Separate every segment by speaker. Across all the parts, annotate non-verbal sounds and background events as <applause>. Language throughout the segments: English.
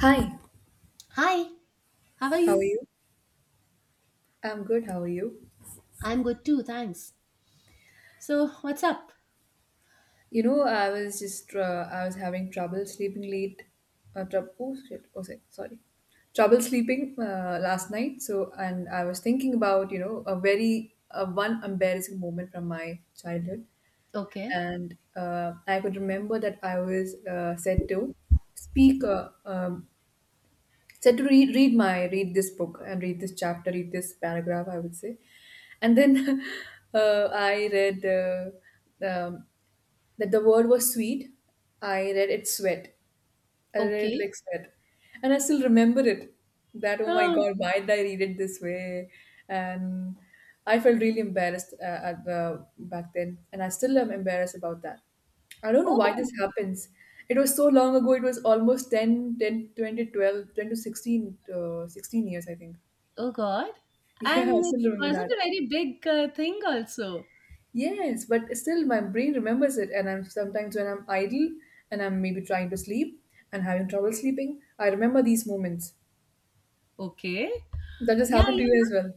Speaker 1: Hi,
Speaker 2: Hi, how are
Speaker 1: how are
Speaker 2: you?
Speaker 1: you? I'm good. How are you?
Speaker 2: I'm good too, thanks. So, what's up?
Speaker 1: I was just I was having trouble sleeping late. Oh shit! Oh, sorry, sorry. Trouble sleeping last night. So, and I was thinking about a very one embarrassing moment from my childhood,
Speaker 2: Okay.
Speaker 1: and I could remember that I was said to speak said to read this book and read this chapter read this paragraph, I would say, and then <laughs> I read um, that the word was sweet. I read it sweat. I read it
Speaker 2: Okay.
Speaker 1: like that. And I still remember it. That, oh my
Speaker 2: Oh,
Speaker 1: God, why did I read it this way? And I felt really embarrassed back then. And I still am embarrassed about that. I don't know why
Speaker 2: oh,
Speaker 1: this happens. It was so long ago. It was almost 10, ten, 20, 12, ten to 16, 16 years, I think. <laughs>
Speaker 2: oh God.
Speaker 1: Yeah, I
Speaker 2: And it
Speaker 1: still remember
Speaker 2: wasn't
Speaker 1: that.
Speaker 2: a very big thing, also.
Speaker 1: Yes, but still my brain remembers it. And I'm sometimes when I'm idle and I'm maybe trying to sleep and having trouble sleeping, I remember these moments.
Speaker 2: Okay.
Speaker 1: That just
Speaker 2: Yeah,
Speaker 1: happened to
Speaker 2: even,
Speaker 1: you as well.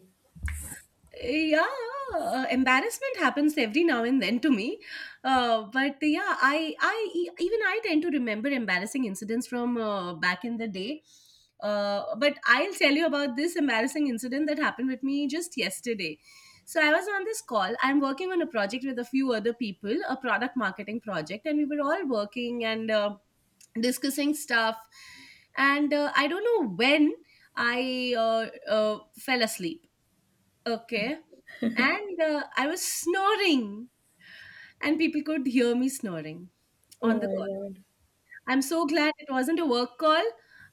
Speaker 2: yeah, embarrassment happens every now and then to me, but yeah, I even I tend to remember embarrassing incidents from back in the day. But I'll tell you about this embarrassing incident that happened with me just yesterday. So I was on this call, I'm working on a project with a few other people, a product marketing project, and we were all working and discussing stuff. And I don't know when I uh, fell asleep. Okay. And I was snoring, and people could hear me snoring on
Speaker 1: Oh
Speaker 2: the
Speaker 1: my
Speaker 2: call.
Speaker 1: god.
Speaker 2: I'm so glad it wasn't a work call.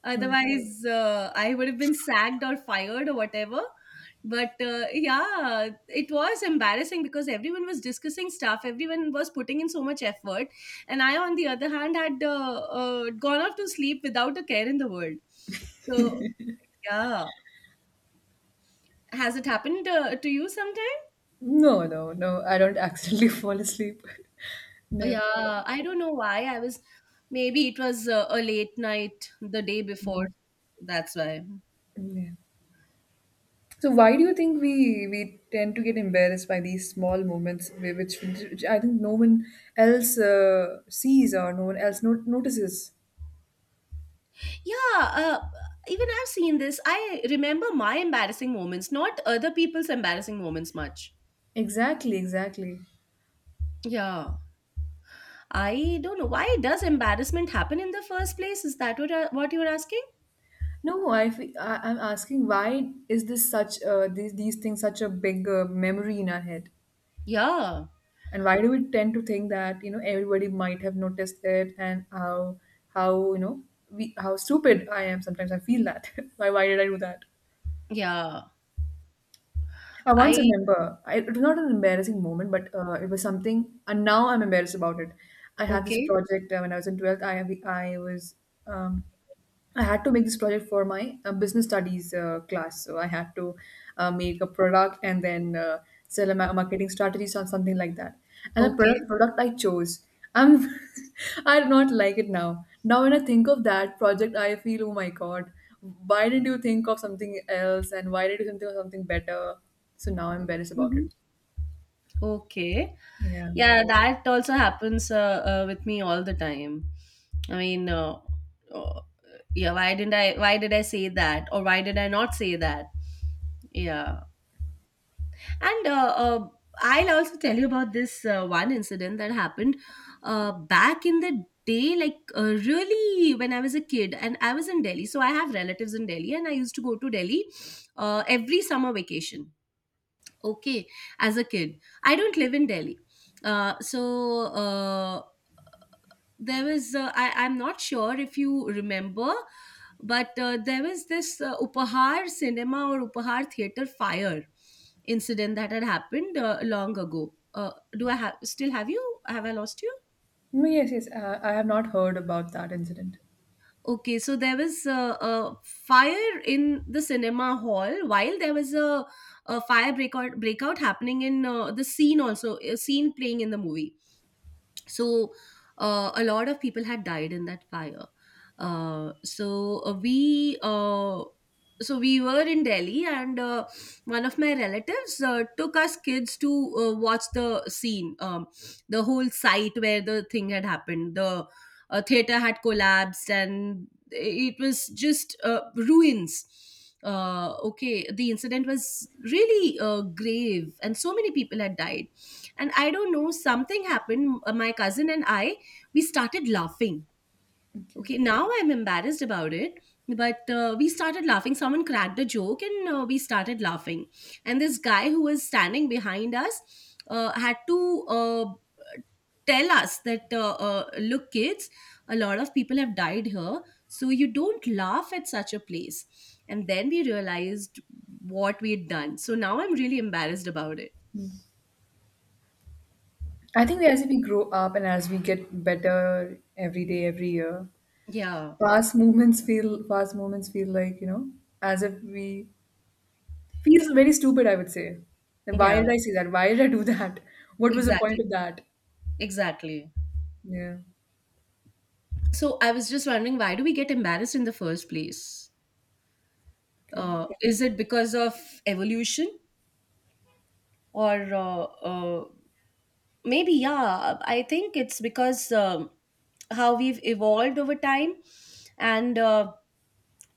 Speaker 2: Otherwise, I would have been sacked or fired or whatever. But yeah, it was embarrassing because everyone was discussing stuff, everyone was putting in so much effort. And I, on the other hand, had gone off to sleep without a care in the world. So, yeah. Has it happened to you sometime?
Speaker 1: No, no, no. I don't accidentally <laughs> fall asleep. <laughs> No.
Speaker 2: Yeah, I don't know why. I was, maybe it was a late night the day before. That's why.
Speaker 1: Yeah. So why do you think we tend to get embarrassed by these small moments, which I think no one else sees or no one else notices?
Speaker 2: Yeah, even I've seen this. I remember my embarrassing moments, not other people's embarrassing moments much.
Speaker 1: Exactly, exactly.
Speaker 2: Yeah, I don't know. Why does embarrassment happen in the first place? Is that what what you were asking?
Speaker 1: No, I'm asking why is this such these things such a big memory in our head?
Speaker 2: Yeah,
Speaker 1: And why do we tend to think that everybody might have noticed it, and how we, how stupid I am. Sometimes I feel that <laughs> why did I do that?
Speaker 2: yeah.
Speaker 1: I once
Speaker 2: I
Speaker 1: remember, it was not an embarrassing moment, but it was something and now I'm embarrassed about it. I had this
Speaker 2: Okay,
Speaker 1: project when I was in 12th. I was um I had to make this project for my business studies class. So I had to make a product and then sell a marketing strategies or something like that. And the
Speaker 2: okay,
Speaker 1: product, product I chose, I'm, <laughs> I do not like it now. Now when I think of that project, I feel, oh my God, why didn't you think of something else? And why did you think of something better? So now I'm embarrassed about it.
Speaker 2: hmm, okay.
Speaker 1: Yeah.
Speaker 2: Yeah, that also happens with me all the time. I mean, uh, yeah, why didn't I why did I say that, or why did I not say that? Yeah. And I'll also tell you about this one incident that happened back in the day, like really when I was a kid, and I was in Delhi. So I have relatives in Delhi and I used to go to Delhi every summer vacation. Okay, as a kid, I don't live in Delhi. uh, so uh, there was I'm not sure if you remember, but there was this Upahar cinema or Upahar theater fire incident that had happened long ago. Do I have still have you Have I lost you?
Speaker 1: No, yes, yes. I have not heard about that incident.
Speaker 2: Okay, so there was a fire in the cinema hall, while there was a fire breakout happening in the scene, also a scene playing in the movie. So a lot of people had died in that fire. uh, so uh, we uh, so we were in Delhi, and one of my relatives took us kids to watch the scene, the whole site where the thing had happened. The theater had collapsed and it was just ruins. Okay, the incident was really grave, and so many people had died. And I don't know, something happened. My cousin and I, we started laughing.
Speaker 1: Okay.
Speaker 2: Okay, now I'm embarrassed about it, but we started laughing. Someone cracked a joke and we started laughing. And this guy who was standing behind us had to uh, tell us that, "Look, kids, a lot of people have died here, so you don't laugh at such a place." And then we realized what we had done. So now I'm really embarrassed about it.
Speaker 1: I think as we grow up and as we get better every day, every year,
Speaker 2: Yeah,
Speaker 1: past moments feel, past moments feel like, you know, as if we feels very stupid, I would say. Like, why
Speaker 2: yeah,
Speaker 1: did I say that? Why did I do <laughs> that? What was the point
Speaker 2: exactly.
Speaker 1: of that?
Speaker 2: Exactly.
Speaker 1: Yeah.
Speaker 2: So I was just wondering, why do we get embarrassed in the first place?
Speaker 1: Okay.
Speaker 2: Is it because of evolution, or uh, maybe, yeah? I think it's because, how we've evolved over time, and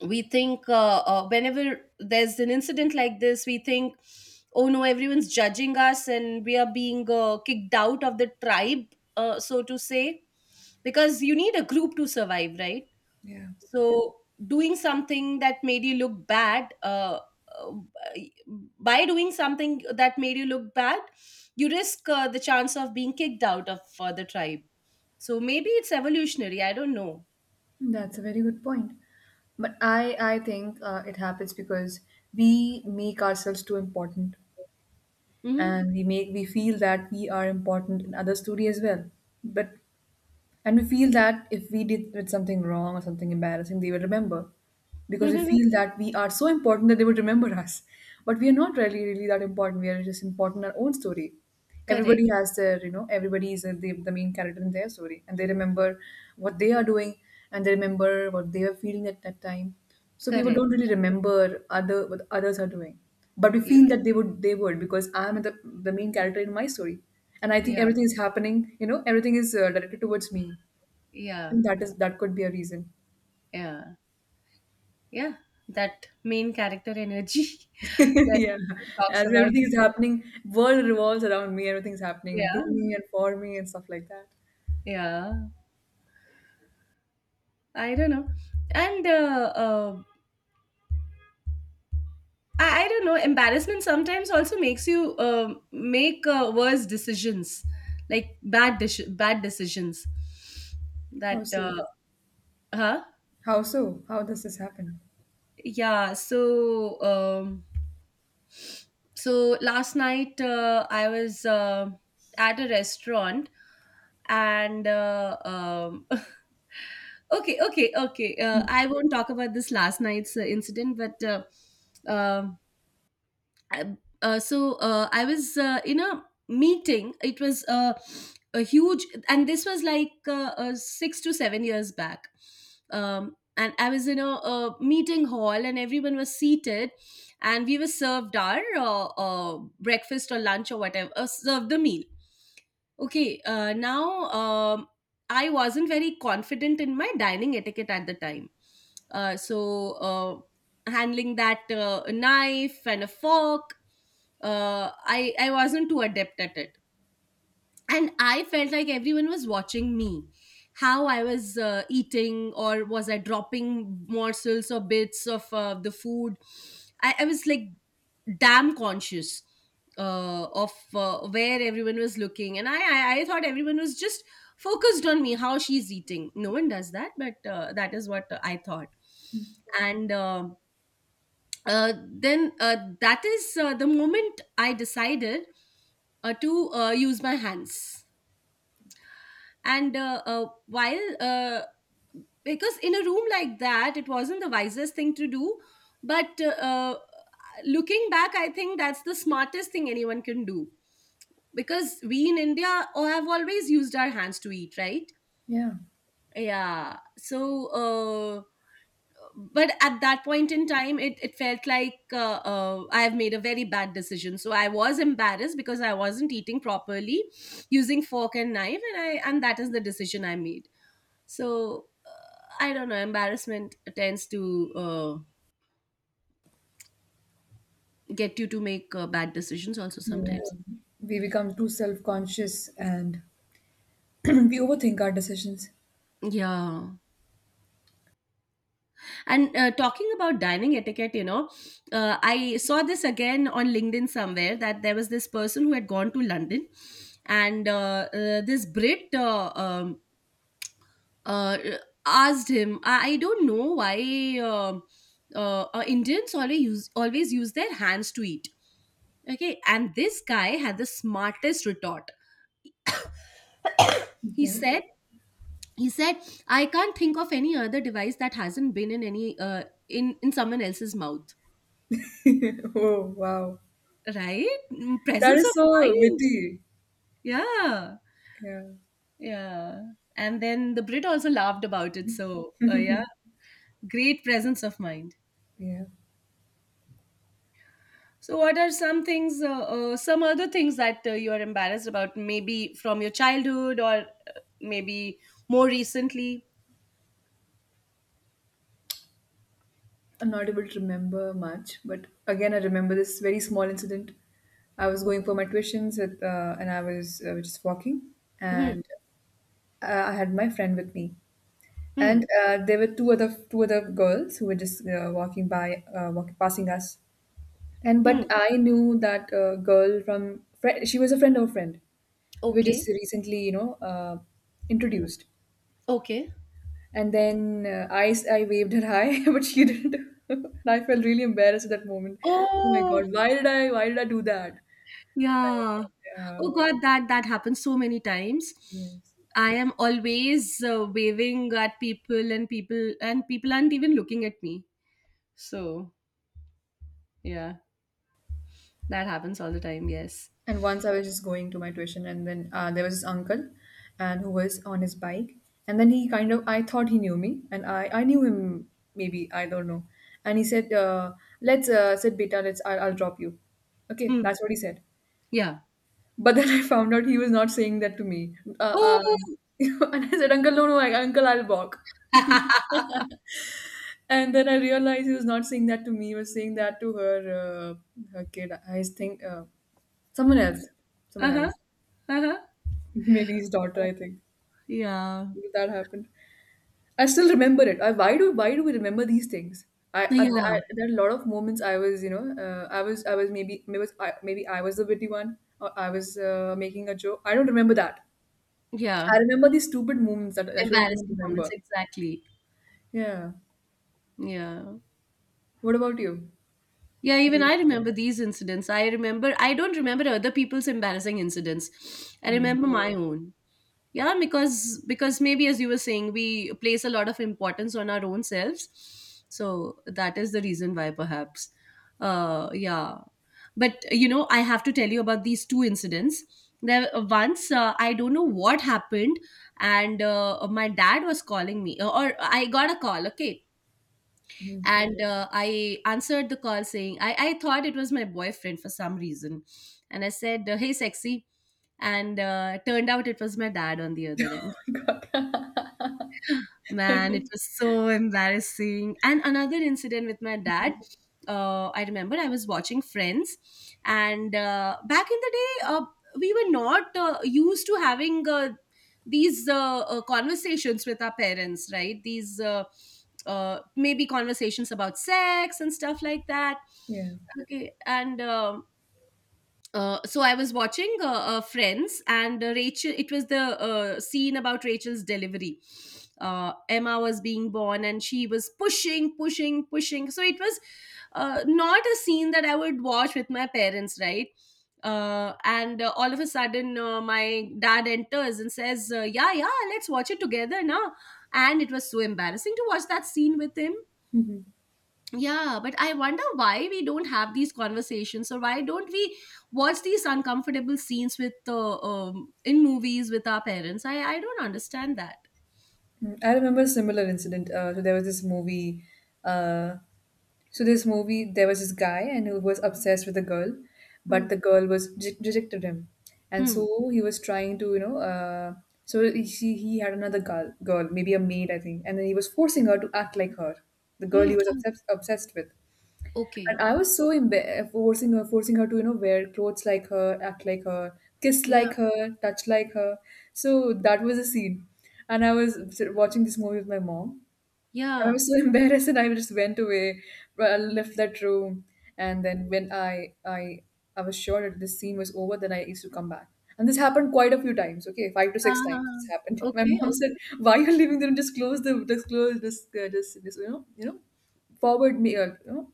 Speaker 2: we think, whenever there's an incident like this, we think, oh no, everyone's judging us, and we are being kicked out of the tribe, so to say, because you need a group to survive, right?
Speaker 1: Yeah.
Speaker 2: So doing something that made you look bad, uh, by doing something that made you look bad, you risk the chance of being kicked out of the tribe. So maybe it's evolutionary. I don't know.
Speaker 1: That's a very good point. But I think it happens because we make ourselves too important,
Speaker 2: Mm-hmm.
Speaker 1: and we feel that we are important in others' story as well. But, and we feel that if we did something wrong or something embarrassing, they will remember. Because we
Speaker 2: Mm-hmm.
Speaker 1: feel that we are so important that they would remember us. But we are not really, really that important. We are just important in our own story.
Speaker 2: Correct.
Speaker 1: Everybody has their, you know, everybody is the main character in their story. And they remember what they are doing, and they remember what they are feeling at that time. So people
Speaker 2: Correct.
Speaker 1: don't really remember other what others are doing. But we
Speaker 2: Yeah.
Speaker 1: feel that they would, because I'm the main character in my story. And I think
Speaker 2: Yeah.
Speaker 1: everything is happening, you know, everything is directed towards me.
Speaker 2: Yeah.
Speaker 1: And that is, that could be a reason.
Speaker 2: Yeah. Yeah. That main character energy <laughs>
Speaker 1: <laughs>
Speaker 2: that
Speaker 1: Yeah,
Speaker 2: everyone talks
Speaker 1: as
Speaker 2: about.
Speaker 1: everything's happening, world revolves around me. Everything's happening to
Speaker 2: Yeah.
Speaker 1: me and for me and stuff like that.
Speaker 2: Yeah. I don't know. And I don't know. Embarrassment sometimes also makes you make worse decisions, like bad decisions.
Speaker 1: How
Speaker 2: That
Speaker 1: so?
Speaker 2: huh?
Speaker 1: How so? How does this happen?
Speaker 2: Yeah. So last night I was at a restaurant, and <laughs> okay, okay, okay. I won't talk about this last night's incident, but. Um I was in a meeting. It was a huge, and this was like 6 to 7 years back. And I was in a meeting hall, and everyone was seated, and we were served our breakfast or lunch or whatever, served the meal. Okay, now, I wasn't very confident in my dining etiquette at the time. So, handling that knife and a fork, I wasn't too adept at it, and I felt like everyone was watching me, how I was eating, or was I dropping morsels or bits of the food. I was like damn conscious of where everyone was looking, and I thought everyone was just focused on me, how she's eating. No one does that, but that is what I thought, and. Then that is the moment I decided to use my hands. And while, because in a room like that, it wasn't the wisest thing to do, but looking back, I think that's the smartest thing anyone can do, because we in India have always used our hands to eat, right?
Speaker 1: Yeah,
Speaker 2: Yeah. So uh, but at that point in time, it felt like, I have made a very bad decision, so I was embarrassed because I wasn't eating properly using fork and knife, and that is the decision I made. So I don't know, embarrassment tends to get you to make bad decisions also
Speaker 1: yeah.
Speaker 2: sometimes.
Speaker 1: We become too self-conscious, and <clears throat> we overthink our decisions.
Speaker 2: Yeah. And talking about dining etiquette, you know, I saw this again on LinkedIn somewhere, that there was this person who had gone to London, and this Brit, uh, asked him, I don't know why, Indians always use their hands to eat. Okay. And this guy had the smartest retort. He
Speaker 1: Yeah.
Speaker 2: said, he said, "I can't think of any other device that hasn't been in any, in someone else's mouth."
Speaker 1: <laughs> Oh wow,
Speaker 2: Right? Mm.
Speaker 1: that
Speaker 2: Presence of
Speaker 1: is so
Speaker 2: mind.
Speaker 1: witty.
Speaker 2: Yeah.
Speaker 1: Yeah,
Speaker 2: Yeah. And then the Brit also laughed about it. So, yeah, great presence of mind.
Speaker 1: yeah.
Speaker 2: So, what are some other things that you are embarrassed about, maybe from your childhood or maybe more recently?
Speaker 1: I'm not able to remember much, but again, I remember this very small incident. I was going for my tuitions with, and I was just walking,
Speaker 2: Hmm.
Speaker 1: and I had my friend with me,
Speaker 2: Hmm.
Speaker 1: and there were two other girls who were just walking passing us, and
Speaker 2: Hmm.
Speaker 1: but I knew that girl from fri she was a friend of a friend. We were just
Speaker 2: Okay.
Speaker 1: recently, you know, introduced,
Speaker 2: Okay.
Speaker 1: and then I waved her hi, <laughs> but she didn't. <laughs> And I felt really embarrassed at that moment. Oh my God,
Speaker 2: Oh,
Speaker 1: why did I, why did I do that?
Speaker 2: yeah.
Speaker 1: I, uh,
Speaker 2: Oh God, that happens so many times.
Speaker 1: yes.
Speaker 2: I am always waving at people, and people aren't even looking at me. So yeah, that happens all the time. Yes.
Speaker 1: And once I was just going to my tuition, and then there was this uncle, and who was on his bike, and then he kind of I thought he knew me, and I knew him, maybe I don't know, and he said, "Let's sit, beta. Let's I'll drop you." Okay,
Speaker 2: Hmm.
Speaker 1: that's what he said.
Speaker 2: Yeah.
Speaker 1: But then I found out he was not saying that to me.
Speaker 2: Oh.
Speaker 1: <laughs> And I said, Uncle, no, no, I, Uncle, I'll walk. And then I realized he was not saying that to me. He was saying that to her, her kid, I think. Someone else,
Speaker 2: Uh
Speaker 1: someone
Speaker 2: huh.
Speaker 1: else.
Speaker 2: Uh huh.
Speaker 1: <laughs> Maybe his daughter, I think,
Speaker 2: Yeah.
Speaker 1: that happened. I still remember it. I, why do, why do we remember these things? I, th-
Speaker 2: Yeah.
Speaker 1: I there are a lot of moments I was maybe, maybe was maybe I was the witty one, or I was making a joke. I don't remember that. I
Speaker 2: Yeah.
Speaker 1: remember these stupid moments that I shouldn't even
Speaker 2: Embarrassing moments.
Speaker 1: remember.
Speaker 2: Exactly.
Speaker 1: Yeah.
Speaker 2: Yeah.
Speaker 1: What about you?
Speaker 2: Yeah, even
Speaker 1: Any
Speaker 2: I remember these incidents. I remember, I don't remember other people's embarrassing incidents. I
Speaker 1: yes.
Speaker 2: remember my own. Yeah, because maybe, as you were saying, we place a lot of importance on our own selves, so that is the reason why, perhaps. Yeah. But you know, I have to tell you about these two incidents. There once, I don't know what happened, and my dad was calling me, or I got a call. Okay.
Speaker 1: Mm.
Speaker 2: And I answered the call saying, I thought it was my boyfriend for some reason, and I said, "Hey, sexy." And turned out it was my dad on the other end.
Speaker 1: <laughs> God.
Speaker 2: Man, it was so embarrassing. And another incident with my dad. I remember I was watching Friends, and back in the day, we were not used to having these conversations with our parents, right? These maybe conversations about sex and stuff like that.
Speaker 1: Yeah.
Speaker 2: Okay, and so I was watching Friends, and Rachel. It was the scene about Rachel's delivery. Emma was being born, and she was pushing, pushing, pushing. So it was not a scene that I would watch with my parents, right? And all of a sudden, my dad enters and says, "Yeah, yeah, let's watch it together now." And it was so embarrassing to watch that scene with him,
Speaker 1: Mhm.
Speaker 2: yeah, but I wonder why we don't have these conversations, or why don't we watch these uncomfortable scenes with in movies with our parents? I don't understand that.
Speaker 1: Mm. I remember a similar incident. So there was this movie. Uh, so this movie, there was this guy and he was obsessed with a girl, but
Speaker 2: Hmm.
Speaker 1: the girl was rejected him, and
Speaker 2: Hmm.
Speaker 1: so he was trying to, you know. So he had another girl, girl, maybe a maid I think, and then he was forcing her to act like her, the girl
Speaker 2: Hmm.
Speaker 1: he was
Speaker 2: Oh,
Speaker 1: obsessed with.
Speaker 2: okay.
Speaker 1: And I was so forcing her to you know wear clothes like her, act like her, kiss
Speaker 2: Yeah.
Speaker 1: like her, touch like her. So that was a scene. And I was watching this movie with my mom, and I
Speaker 2: Yeah.
Speaker 1: was so <laughs> embarrassed, and I just went away, but I left that room, and then when I was sure that this scene was over, then I used to come back. And this happened quite a few times, okay, five to six times this happened. <laughs> My
Speaker 2: Okay.
Speaker 1: mom said, "Why are you leaving the room? Just close the, just close, this just, this you know, forward me, you know,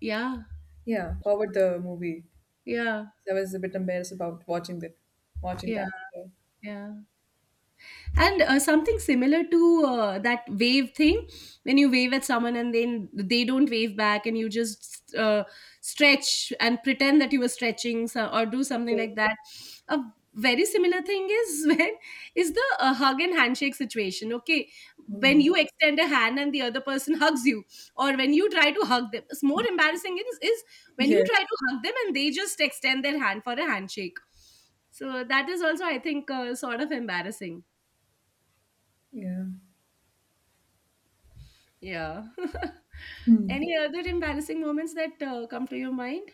Speaker 2: Yeah.
Speaker 1: yeah, forward the movie."
Speaker 2: Yeah.
Speaker 1: So I was a bit embarrassed about watching that, watching
Speaker 2: Yeah.
Speaker 1: that. Yeah.
Speaker 2: Yeah. And something similar to that wave thing, when you wave at someone and then they don't wave back and you just stretch and pretend that you were stretching, so, or do something
Speaker 1: So,
Speaker 2: like that. A very similar thing is <laughs> when is the hug and handshake situation, okay, when
Speaker 1: mm,
Speaker 2: you extend a hand and the other person <laughs> hugs you, or when you try to hug them. It's more embarrassing, is when you
Speaker 1: yes.
Speaker 2: try to hug them and they just extend their hand for a handshake. So that is also, I think, sort of embarrassing.
Speaker 1: Yeah.
Speaker 2: Yeah. <laughs>
Speaker 1: Hmm.
Speaker 2: Any other embarrassing moments that come to your mind?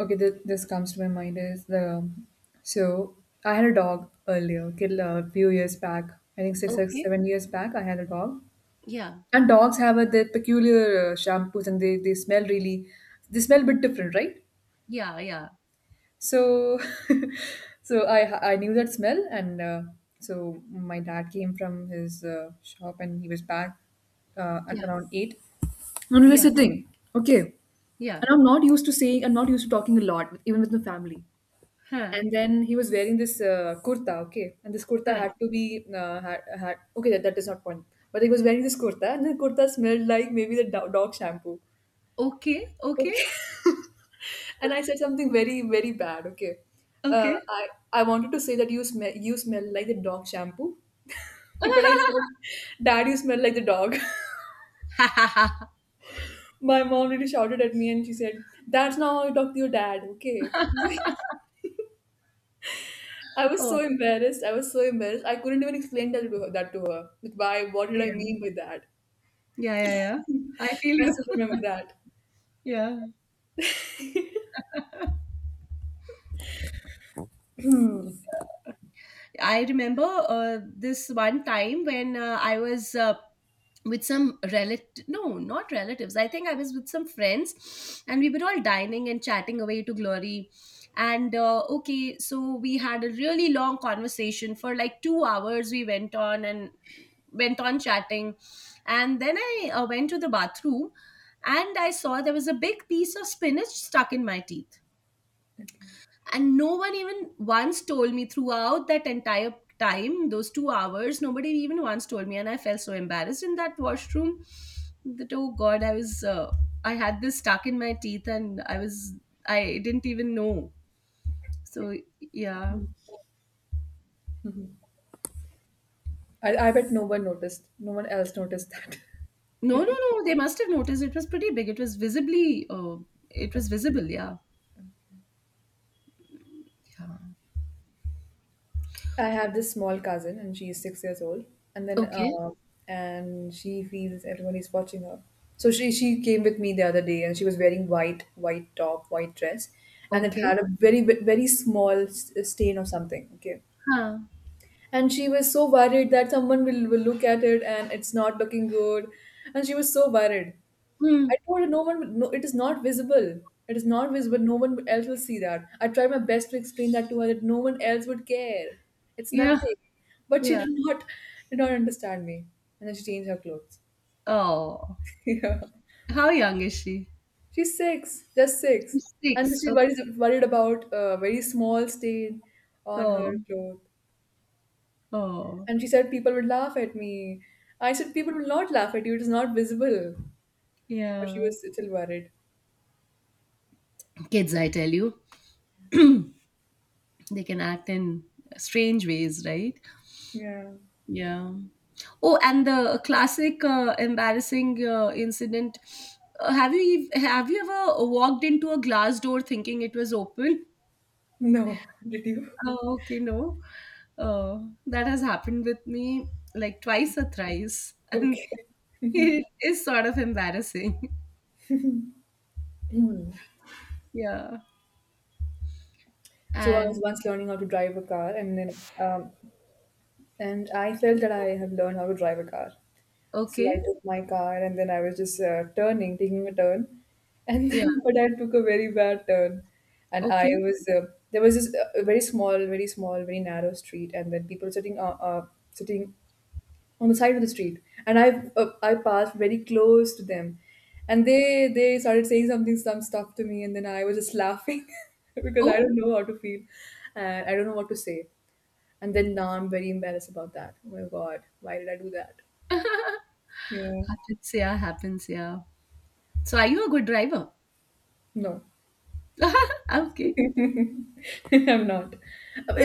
Speaker 1: Okay, this comes to my mind is the, so I had a dog earlier, okay, a few years back. I think six or
Speaker 2: Okay.
Speaker 1: seven years back, I had a dog.
Speaker 2: Yeah.
Speaker 1: And dogs have a, their peculiar shampoos, and they smell really, they smell a bit different, right?
Speaker 2: Yeah. Yeah.
Speaker 1: So, <laughs> so I knew that smell, and so my dad came from his shop, and he was back
Speaker 2: Yeah.
Speaker 1: at around eight, and we were
Speaker 2: Yeah.
Speaker 1: sitting. Okay, and
Speaker 2: Yeah.
Speaker 1: I'm not used to talking a lot, even with my family.
Speaker 2: Huh.
Speaker 1: And then he was wearing this kurta, okay, and this kurta
Speaker 2: Huh.
Speaker 1: had to be had, okay, that, that is not point, but he was wearing this kurta, and the kurta smelled like maybe the dog shampoo.
Speaker 2: Okay. Okay.
Speaker 1: Okay. <laughs> And I said something very, very bad. Okay.
Speaker 2: Okay.
Speaker 1: I wanted to say that you smell like the dog shampoo. <laughs> But I said,
Speaker 2: <laughs>
Speaker 1: Dad, you smell like the dog. <laughs> My mom really shouted at me and she said, "That's not how you talk to your dad, okay?" <laughs> I was
Speaker 2: Oh,
Speaker 1: so embarrassed. I was so embarrassed. I couldn't even explain that to her. That to her. Like, why? What did I
Speaker 2: yeah.
Speaker 1: mean by that?
Speaker 2: Yeah. Yeah. Yeah. I feel
Speaker 1: I still
Speaker 2: you. <laughs>
Speaker 1: remember that.
Speaker 2: Yeah. I remember this one time when I was with some relative. No, not relatives, I think I was with some friends, and we were all dining and chatting away to glory. And okay, so we had a really long conversation for like 2 hours. We went on and went on chatting, and then I went to the bathroom, and I saw there was a big piece of spinach stuck in my teeth.
Speaker 1: Okay.
Speaker 2: And no one even once told me throughout that entire time, those 2 hours. Nobody even once told me, and I felt so embarrassed in that washroom, that oh God, I was I had this stuck in my teeth, and I was, I didn't even know, so yeah.
Speaker 1: I bet no one noticed. No one else noticed that. <laughs>
Speaker 2: No, no,
Speaker 1: Maybe.
Speaker 2: no, they must have noticed. It was pretty big, it was visibly it was visible, yeah. Yeah.
Speaker 1: I have this small cousin, and she is 6 years old. And then,
Speaker 2: Okay.
Speaker 1: and she feels everyone is watching her. So she came with me the other day, and she was wearing white top, white dress, and it
Speaker 2: Okay.
Speaker 1: had a very stain or something. Okay,
Speaker 2: Huh.
Speaker 1: and she was so worried that someone will look at it and it's not looking good and she was so worried.
Speaker 2: Hmm.
Speaker 1: I told her no one, no, it is not visible. It is not visible, no one else will see that. I tried my best to explain that to her, that no one else would care, it's
Speaker 2: Yeah.
Speaker 1: nothing. But she
Speaker 2: Yeah.
Speaker 1: did not understand me, and then she changed her clothes.
Speaker 2: Oh,
Speaker 1: <laughs> Yeah.
Speaker 2: how young is she?
Speaker 1: She's six, just six.
Speaker 2: She's
Speaker 1: And
Speaker 2: six,
Speaker 1: she
Speaker 2: okay.
Speaker 1: worries worried about a very small stain on her
Speaker 2: Oh.
Speaker 1: clothes.
Speaker 2: Oh,
Speaker 1: And she said people would laugh at me. I said people will not laugh at you. It is not visible. But she
Speaker 2: yeah.
Speaker 1: was still worried.
Speaker 2: Kids, I tell you, <clears throat> they can act in strange ways, right?
Speaker 1: Yeah.
Speaker 2: Yeah. Oh, and the classic embarrassing incident. Have you have you ever walked into a glass door thinking it was open?
Speaker 1: No. <laughs> Did you?
Speaker 2: Oh, okay, no. Uh, that has happened with me like twice or thrice, <laughs> and
Speaker 1: Okay.
Speaker 2: it is sort of embarrassing. <laughs>
Speaker 1: Hmm.
Speaker 2: Yeah.
Speaker 1: So I was
Speaker 2: And
Speaker 1: once learning how to drive a car, and then and I felt that I have learned how to drive a car. So I
Speaker 2: okay.
Speaker 1: took my car, and then I was just turning, taking a turn, and
Speaker 2: Yeah.
Speaker 1: then <laughs> but I took a very bad turn, and I
Speaker 2: Okay.
Speaker 1: was there was this a very small, very small, very narrow street, and then people sitting sitting on the side of the street. And I passed very close to them, and they started saying something, some stuff to me, and then I was just laughing <laughs> because I
Speaker 2: Oh,
Speaker 1: don't know how to feel and I don't know what to say. And then now I'm very embarrassed about that. Oh my God, why did I do that?
Speaker 2: <laughs>
Speaker 1: Yeah.
Speaker 2: happens. Yeah, happens. Yeah. So are you a good driver?
Speaker 1: No.
Speaker 2: <laughs> Okay.
Speaker 1: <laughs> I'm not.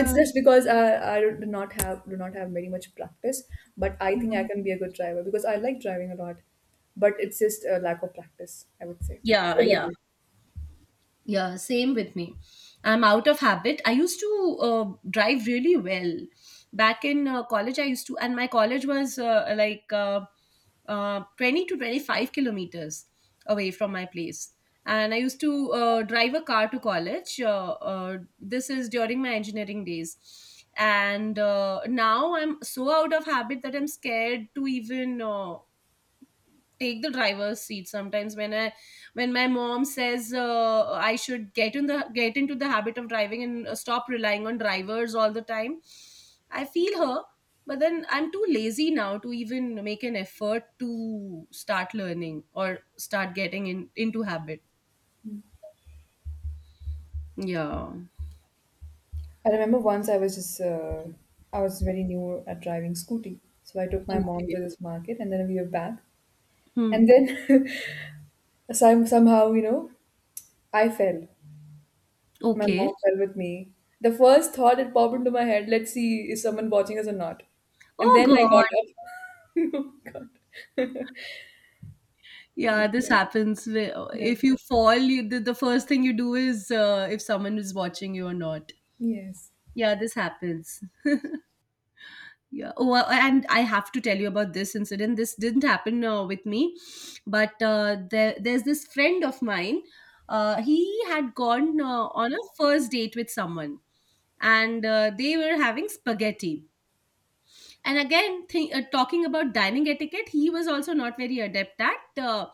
Speaker 1: It's just because I do not have very much practice, but I think I can be a good driver because I like driving a lot. But it's just a lack of practice, I would say.
Speaker 2: yeah,
Speaker 1: What about
Speaker 2: yeah,
Speaker 1: you?
Speaker 2: yeah. Same with me. I'm out of habit. I used to drive really well back in college. I used to, and my college was like 20 to 25 kilometers away from my place. And I used to drive a car to college. This is during my engineering days. And now I'm so out of habit that I'm scared to even take the driver's seat sometimes, when my mom says I should get into the habit of driving and stop relying on drivers all the time. I feel her, but then I'm too lazy now to even make an effort to start learning or start getting into habit. Yeah.
Speaker 1: I remember once I was just I was very new at driving scooty, so I took my mom
Speaker 2: Okay.
Speaker 1: to this market, and then we were back,
Speaker 2: Hmm.
Speaker 1: and then <laughs> somehow you know I fell. My
Speaker 2: Okay.
Speaker 1: mom fell with me. The first thought that popped into my head: let's see is someone watching us or not. And
Speaker 2: Oh
Speaker 1: then I got
Speaker 2: God.
Speaker 1: up. <laughs> Oh God. <laughs>
Speaker 2: Yeah,
Speaker 1: Yeah.
Speaker 2: this happens.
Speaker 1: Yeah.
Speaker 2: If you fall, you, the first thing you do is if someone is watching you or not.
Speaker 1: Yes.
Speaker 2: Yeah, this happens. Yeah. Oh, and I have to tell you about this incident. This didn't happen with me, but there's this friend of mine. He had gone on a first date with someone, and they were having spaghetti. And again, think, talking about dining etiquette, he was also not very adept at uh,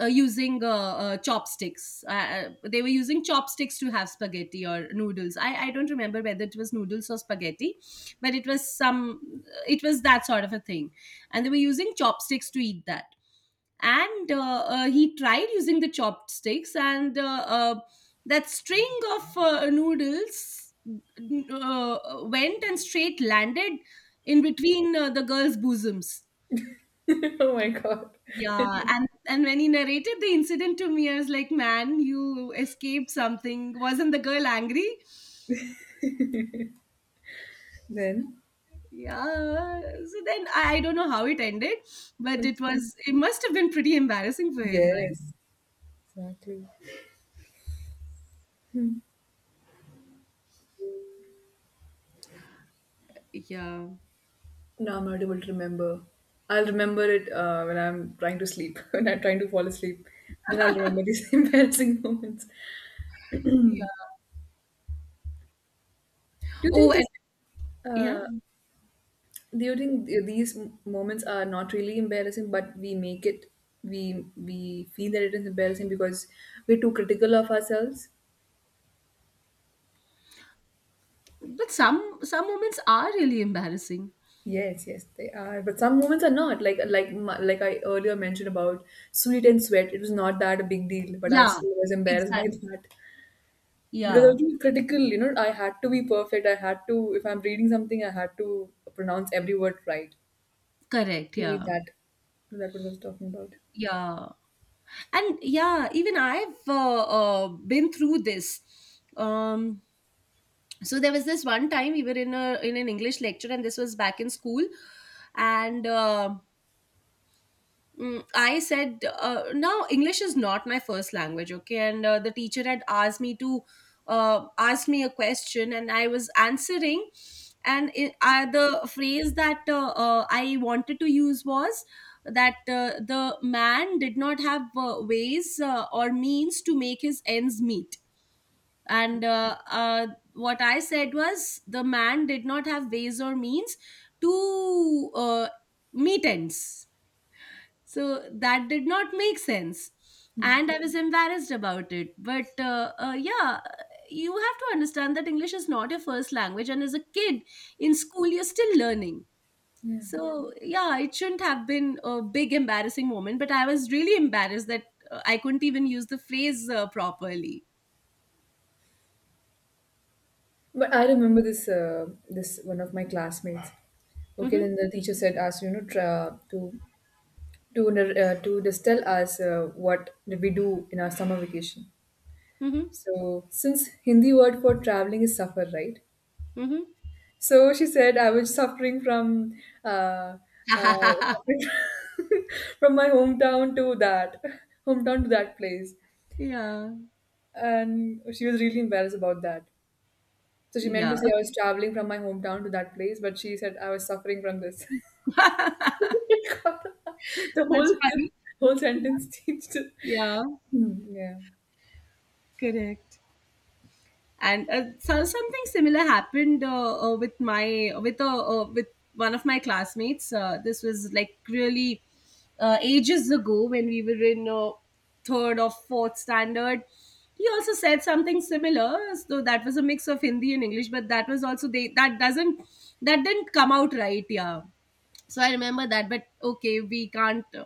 Speaker 2: uh, using uh, uh, chopsticks. They were using chopsticks to have spaghetti or noodles. I don't remember whether it was noodles or spaghetti, but it was some, it was that sort of a thing, and they were using chopsticks to eat that. And he tried using the chopsticks, and that string of noodles went and straight landed in between the girl's bosoms.
Speaker 1: <laughs> Oh my God.
Speaker 2: Yeah. And when he narrated the incident to me, I was like, man, you escaped something. Wasn't the girl angry?
Speaker 1: Then.
Speaker 2: Yeah. I don't know how it ended, but it
Speaker 1: Okay.
Speaker 2: was, it must have been pretty embarrassing for him, right?
Speaker 1: Yes. Exactly.
Speaker 2: Yeah.
Speaker 1: No, I'm not able to remember. I'll remember it when I'm trying to sleep, <laughs> when I'm trying to fall asleep. Then I'll remember these <laughs> embarrassing moments.
Speaker 2: Yeah.
Speaker 1: Do you
Speaker 2: Oh,
Speaker 1: think
Speaker 2: and
Speaker 1: just
Speaker 2: yeah.
Speaker 1: uh, do you think these moments are not really embarrassing, but we make it, we feel that it is embarrassing because we're too critical of ourselves?
Speaker 2: But some moments are really embarrassing.
Speaker 1: Yes, yes, they are. But some moments are not. Like like I earlier mentioned about sweat and sweat. It was not that a big deal, but I
Speaker 2: Yeah,
Speaker 1: still was embarrassed by
Speaker 2: exactly.
Speaker 1: that. Because I
Speaker 2: Yeah,
Speaker 1: was too critical, you know, I had to be perfect. I had to, if I'm reading something, I had to pronounce every word right.
Speaker 2: correct.
Speaker 1: Maybe
Speaker 2: Yeah,
Speaker 1: that, that was what I was talking about.
Speaker 2: yeah, and yeah. Even I've been through this. Um, so there was this one time we were in a in an English lecture, and this was back in school, and. I said, now English is not my first language, okay? And the teacher had asked me to ask me a question, and I was answering. The phrase that I wanted to use was that the man did not have ways or means to make his ends meet. And what I said was, the man did not have ways or means to meet ends. So that did not make sense.
Speaker 1: Hmm.
Speaker 2: And I was embarrassed about it. But yeah, you have to understand that English is not your first language, and as a kid in school, you're still learning.
Speaker 1: Yeah.
Speaker 2: So yeah, it shouldn't have been a big embarrassing moment, but I was really embarrassed that I couldn't even use the phrase properly.
Speaker 1: But I remember this, this one of my classmates. Okay,
Speaker 2: Hmm.
Speaker 1: then the teacher said, us, you know, to just tell us what did we do in our summer vacation.
Speaker 2: Hmm.
Speaker 1: So, since Hindi word for traveling is suffer, right?
Speaker 2: Hmm.
Speaker 1: So she said I was suffering from uh, uh,
Speaker 2: <laughs>
Speaker 1: <laughs> from my hometown to that place,
Speaker 2: Yeah.
Speaker 1: and she was really embarrassed about that. So she meant
Speaker 2: Yeah.
Speaker 1: to say I was traveling from my hometown to that place, but she said I was suffering from this. <laughs> The
Speaker 2: That's
Speaker 1: whole
Speaker 2: funny.
Speaker 1: whole sentence <laughs> changed.
Speaker 2: Yeah.
Speaker 1: Hmm, yeah.
Speaker 2: Correct. And so something similar happened with with one of my classmates. This was like really ages ago, when we were in third or fourth standard. He also said something similar, so that was a mix of Hindi and English, but that was also, they, that doesn't, that didn't come out right, yeah. So I remember that, but okay, we can't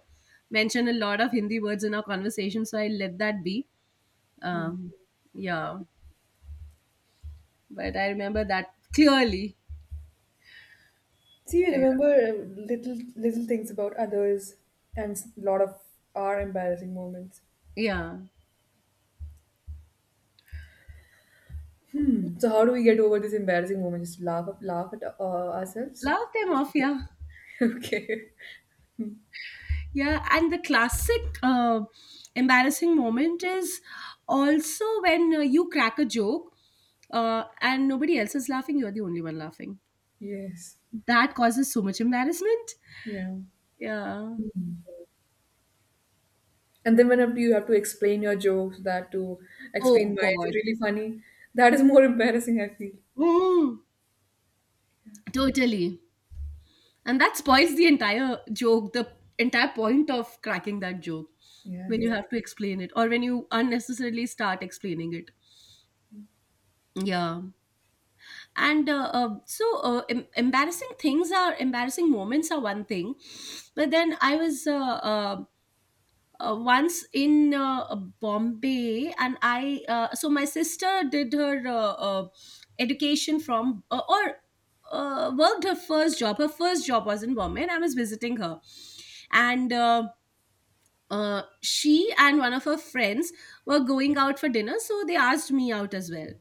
Speaker 2: mention a lot of Hindi words in our conversation, so I let that be.
Speaker 1: Hmm.
Speaker 2: um yeah, but I remember that clearly.
Speaker 1: See, you
Speaker 2: Yeah.
Speaker 1: remember little things about others and lot of our embarrassing moments.
Speaker 2: Yeah.
Speaker 1: So how do we get over this embarrassing moment? Just laugh up, laugh at ourselves.
Speaker 2: Love them
Speaker 1: Just
Speaker 2: off,
Speaker 1: forget.
Speaker 2: yeah.
Speaker 1: <laughs> Okay.
Speaker 2: Yeah, and the classic embarrassing moment is also when you crack a joke, and nobody else is laughing, you're the only one laughing.
Speaker 1: Yes.
Speaker 2: That causes so much embarrassment.
Speaker 1: Yeah.
Speaker 2: Yeah.
Speaker 1: Hmm. And then whenever you have to explain your jokes, that to
Speaker 2: Oh,
Speaker 1: explain why is it
Speaker 2: God.
Speaker 1: really funny, that is more <laughs> embarrassing, I feel.
Speaker 2: Mm, totally. And that spoils the entire joke, the entire point of cracking that joke,
Speaker 1: Yeah.
Speaker 2: when you
Speaker 1: It's,
Speaker 2: have to explain it, or when you unnecessarily start explaining it. Yeah. Embarrassing things are, embarrassing moments are one thing, but then I was once in Bombay, and I so my sister did her education from or worked her first job. Her first job was in Bombay, and I was visiting her, and she and one of her friends were going out for dinner, so they asked me out as well.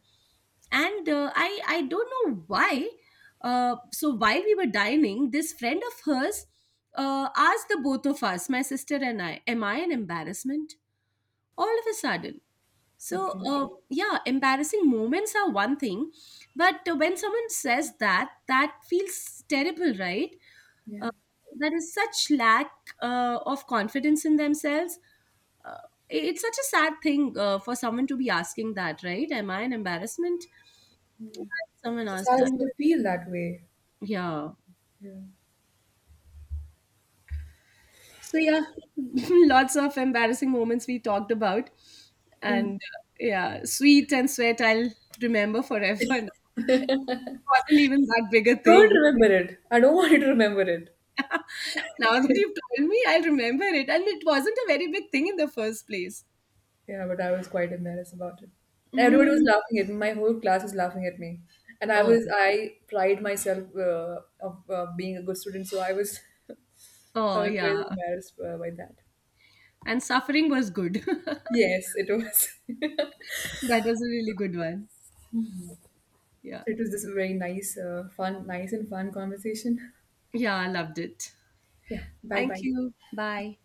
Speaker 2: And I don't know why. So while we were dining, this friend of hers asked the both of us, my sister and I, am I an embarrassment, all of a sudden. So
Speaker 1: okay.
Speaker 2: yeah, embarrassing moments are one thing, but when someone says that, that feels terrible, right? uh,
Speaker 1: Yeah.
Speaker 2: that is such lack of confidence in themselves. uh, it's such a sad thing for someone to be asking that, right? Am I an embarrassment? Someone
Speaker 1: It's
Speaker 2: asked that.
Speaker 1: starting to feel that way.
Speaker 2: Yeah.
Speaker 1: Yeah.
Speaker 2: So yeah, <laughs> lots of embarrassing moments we talked about,
Speaker 1: Yeah.
Speaker 2: and yeah, sweet and sweat I'll remember forever. <laughs> It wasn't even that big a
Speaker 1: Don't
Speaker 2: thing.
Speaker 1: remember it. I don't <laughs> want you to remember it.
Speaker 2: Now that you've told me, I'll remember it, and it wasn't a very big thing in the first place.
Speaker 1: Yeah, but I was quite embarrassed about it. Everybody was
Speaker 2: Mm.
Speaker 1: laughing at me. My whole class was laughing at me, and I
Speaker 2: Oh,
Speaker 1: was I pride myself of being a good student, so I was <laughs> I
Speaker 2: oh
Speaker 1: was quite
Speaker 2: yeah,
Speaker 1: embarrassed by that.
Speaker 2: and suffering was good. <laughs>
Speaker 1: Yes, it was. <laughs> It
Speaker 2: That was a really good one. Yeah,
Speaker 1: was this very nice, fun, nice and fun conversation.
Speaker 2: yeah, I loved it.
Speaker 1: Yeah. Bye
Speaker 2: Thank
Speaker 1: bye.
Speaker 2: you. Bye.